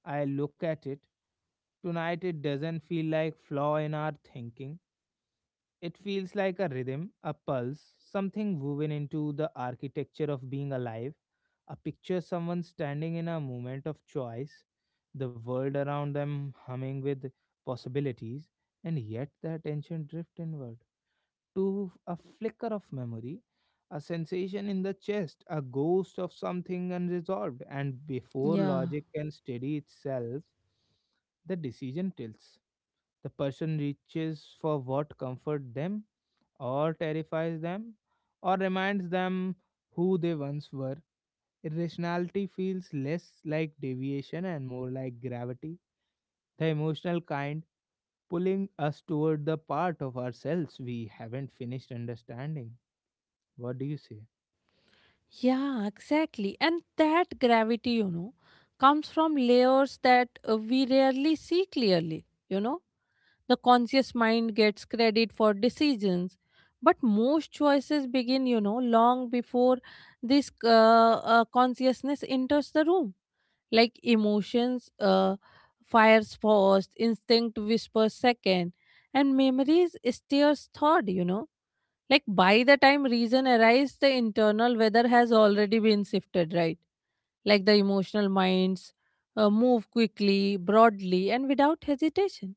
I look at it, tonight it doesn't feel like flaw in our thinking. It feels like a rhythm, a pulse, something woven into the architecture of being alive, a picture someone standing in a moment of choice, the world around them humming with possibilities, and yet the attention drift inward to a flicker of memory, a sensation in the chest, a ghost of something unresolved, and before
yeah.
logic can steady itself, the decision tilts. The person reaches for what comforts them, or terrifies them, or reminds them who they once were. Irrationality feels less like deviation and more like gravity, the emotional kind pulling us toward the part of ourselves we haven't finished understanding. What do you say?
Yeah, exactly. And that gravity, you know, comes from layers that we rarely see clearly. You know, the conscious mind gets credit for decisions, but most choices begin, you know, long before this consciousness enters the room. Like emotions fires first, instinct whispers second, and memories steers third, you know, like by the time reason arrives, the internal weather has already been shifted, right? Like the emotional minds move quickly, broadly, and without hesitation.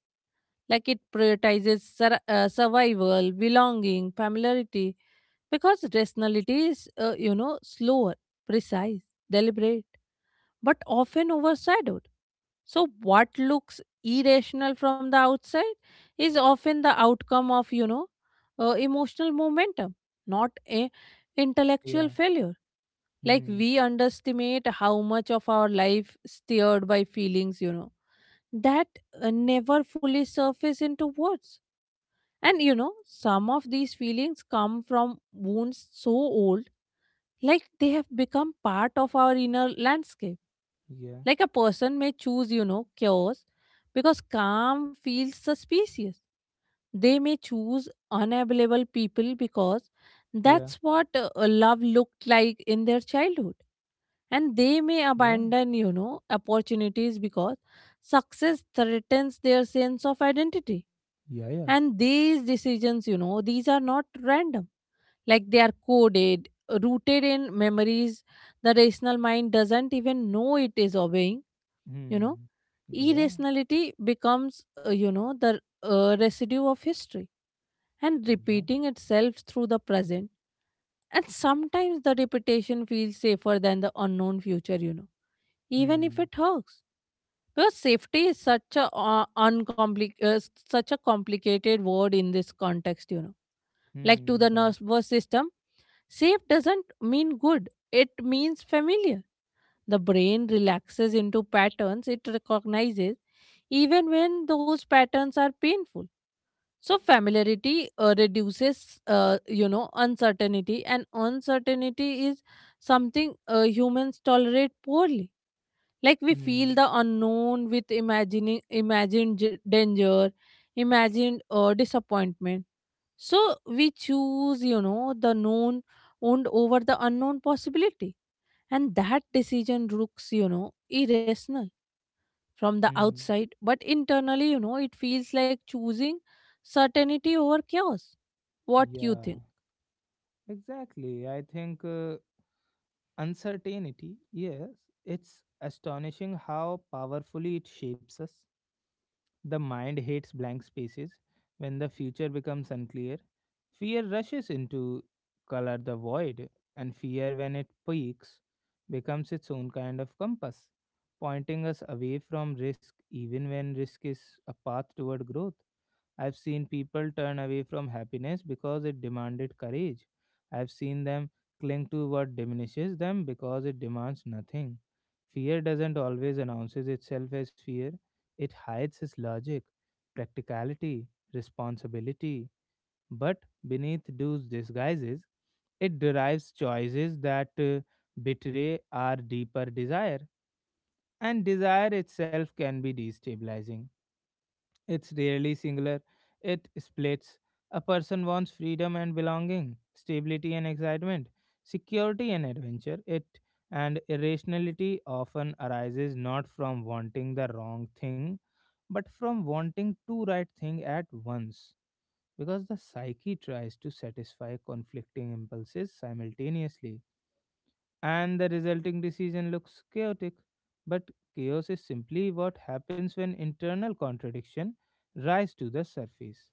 Like it prioritizes survival, belonging, familiarity, because rationality is, you know, slower, precise, deliberate, but often overshadowed. So, what looks irrational from the outside is often the outcome of, you know, emotional momentum, not a intellectual
Yeah.
failure. Like
Hmm.
we underestimate how much of our life steered by feelings, you know, that never fully surface into words. And you know, some of these feelings come from wounds so old, like they have become part of our inner landscape,
Yeah.
like a person may choose, you know, chaos because calm feels suspicious. They may choose unavailable people because
Yeah.
that's what love looked like in their childhood. And they may
Yeah.
abandon, you know, opportunities because success threatens their sense of identity.
Yeah. Yeah.
And these decisions, you know, these are not random. Like they are coded, rooted in memories the rational mind doesn't even know it is obeying, you know.
Hmm. Yeah.
Irrationality becomes, you know, the residue of history and
Right.
repeating itself through the present. And sometimes the repetition feels safer than the unknown future, you know, even if
Hmm.
it hurts. Because safety is such a such a complicated word in this context, you know. Like to
Hmm.
the
Right.
nervous system, safe doesn't mean good, it means familiar. The brain relaxes into patterns it recognizes even when those patterns are painful. So familiarity reduces, you know, uncertainty, and uncertainty is something humans tolerate poorly. Like we feel
Hmm.
the unknown with imagining imagined danger, imagined disappointment. So we choose, you know, the known and over the unknown possibility, and that decision looks, you know, irrational from the
Hmm.
outside, but internally, you know, it feels like choosing certainty over chaos. What you
Yeah.
think?
Exactly. I think uncertainty. Yes, it's astonishing how powerfully it shapes us. The mind hates blank spaces. When the future becomes unclear, fear rushes in to color the void, and fear, when it peaks, becomes its own kind of compass, pointing us away from risk even when risk is a path toward growth. I've seen people turn away from happiness because it demanded courage. I've seen them cling to what diminishes them because it demands nothing. Fear doesn't always announces itself as fear it hides his logic, practicality, responsibility, but beneath those disguises, it derives choices that betray our deeper desire. And desire itself can be destabilizing it's rarely singular, it splits. A person wants freedom and belonging, stability and excitement, security and adventure. It and irrationality often arises not from wanting the wrong thing, but from wanting two right thing at once. Because the psyche tries to satisfy conflicting impulses simultaneously and the resulting decision looks chaotic. But chaos is simply what happens when internal contradiction rise to the surface.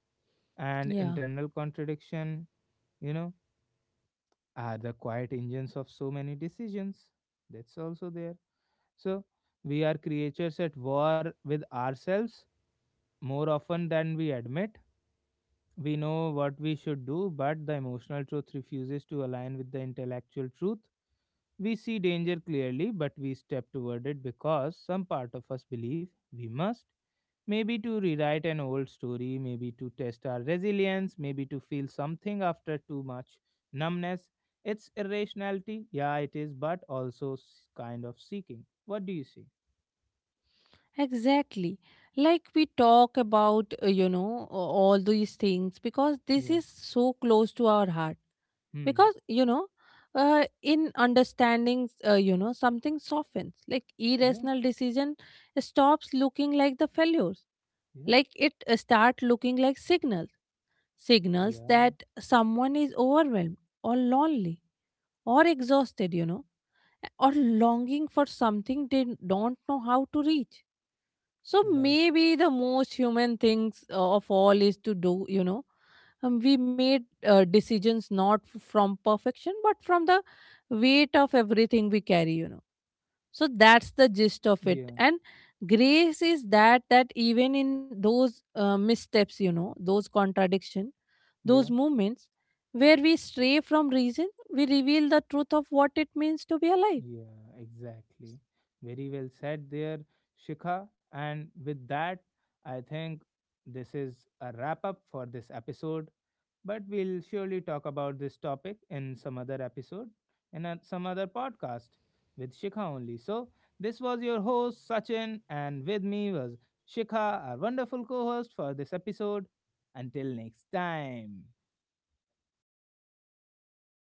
And
Yeah,
internal contradiction, you know, are the quiet engines of so many decisions. That's also there. So we are creatures at war with ourselves more often than we admit. We know what we should do, but the emotional truth refuses to align with the intellectual truth. We see danger clearly, but we step toward it because some part of us believe we must. Maybe to rewrite an old story, maybe to test our resilience, maybe to feel something after too much numbness. It's irrationality, yeah, it is, but also kind of seeking. What do you see?
exactly. Like we talk about, you know, all these things because this
Yeah.
is so close to our heart,
Hmm.
because you know, uh, in understanding, you know, something softens. Like
Yeah.
irrational decision stops looking like the failures,
Yeah.
like it start looking like signals, signals
Yeah.
that someone is overwhelmed or lonely or exhausted, you know, or longing for something they don't know how to reach. So
Right.
maybe the most human things of all is to do, you know, we made decisions not from perfection but from the weight of everything we carry, you know. So that's the gist of it,
Yeah.
and grace is that, that even in those missteps, you know, those contradiction, those
Yeah.
moments where we stray from reason, we reveal the truth of what it means to be alive.
Yeah, exactly. Very well said there, Shikha. And with that, I think this is a wrap up for this episode. But we'll surely talk about this topic in some other episode, in a, some other podcast with Shikha only. So, this was your host, Sachin, and with me was Shikha, our wonderful co host for this episode. Until next time.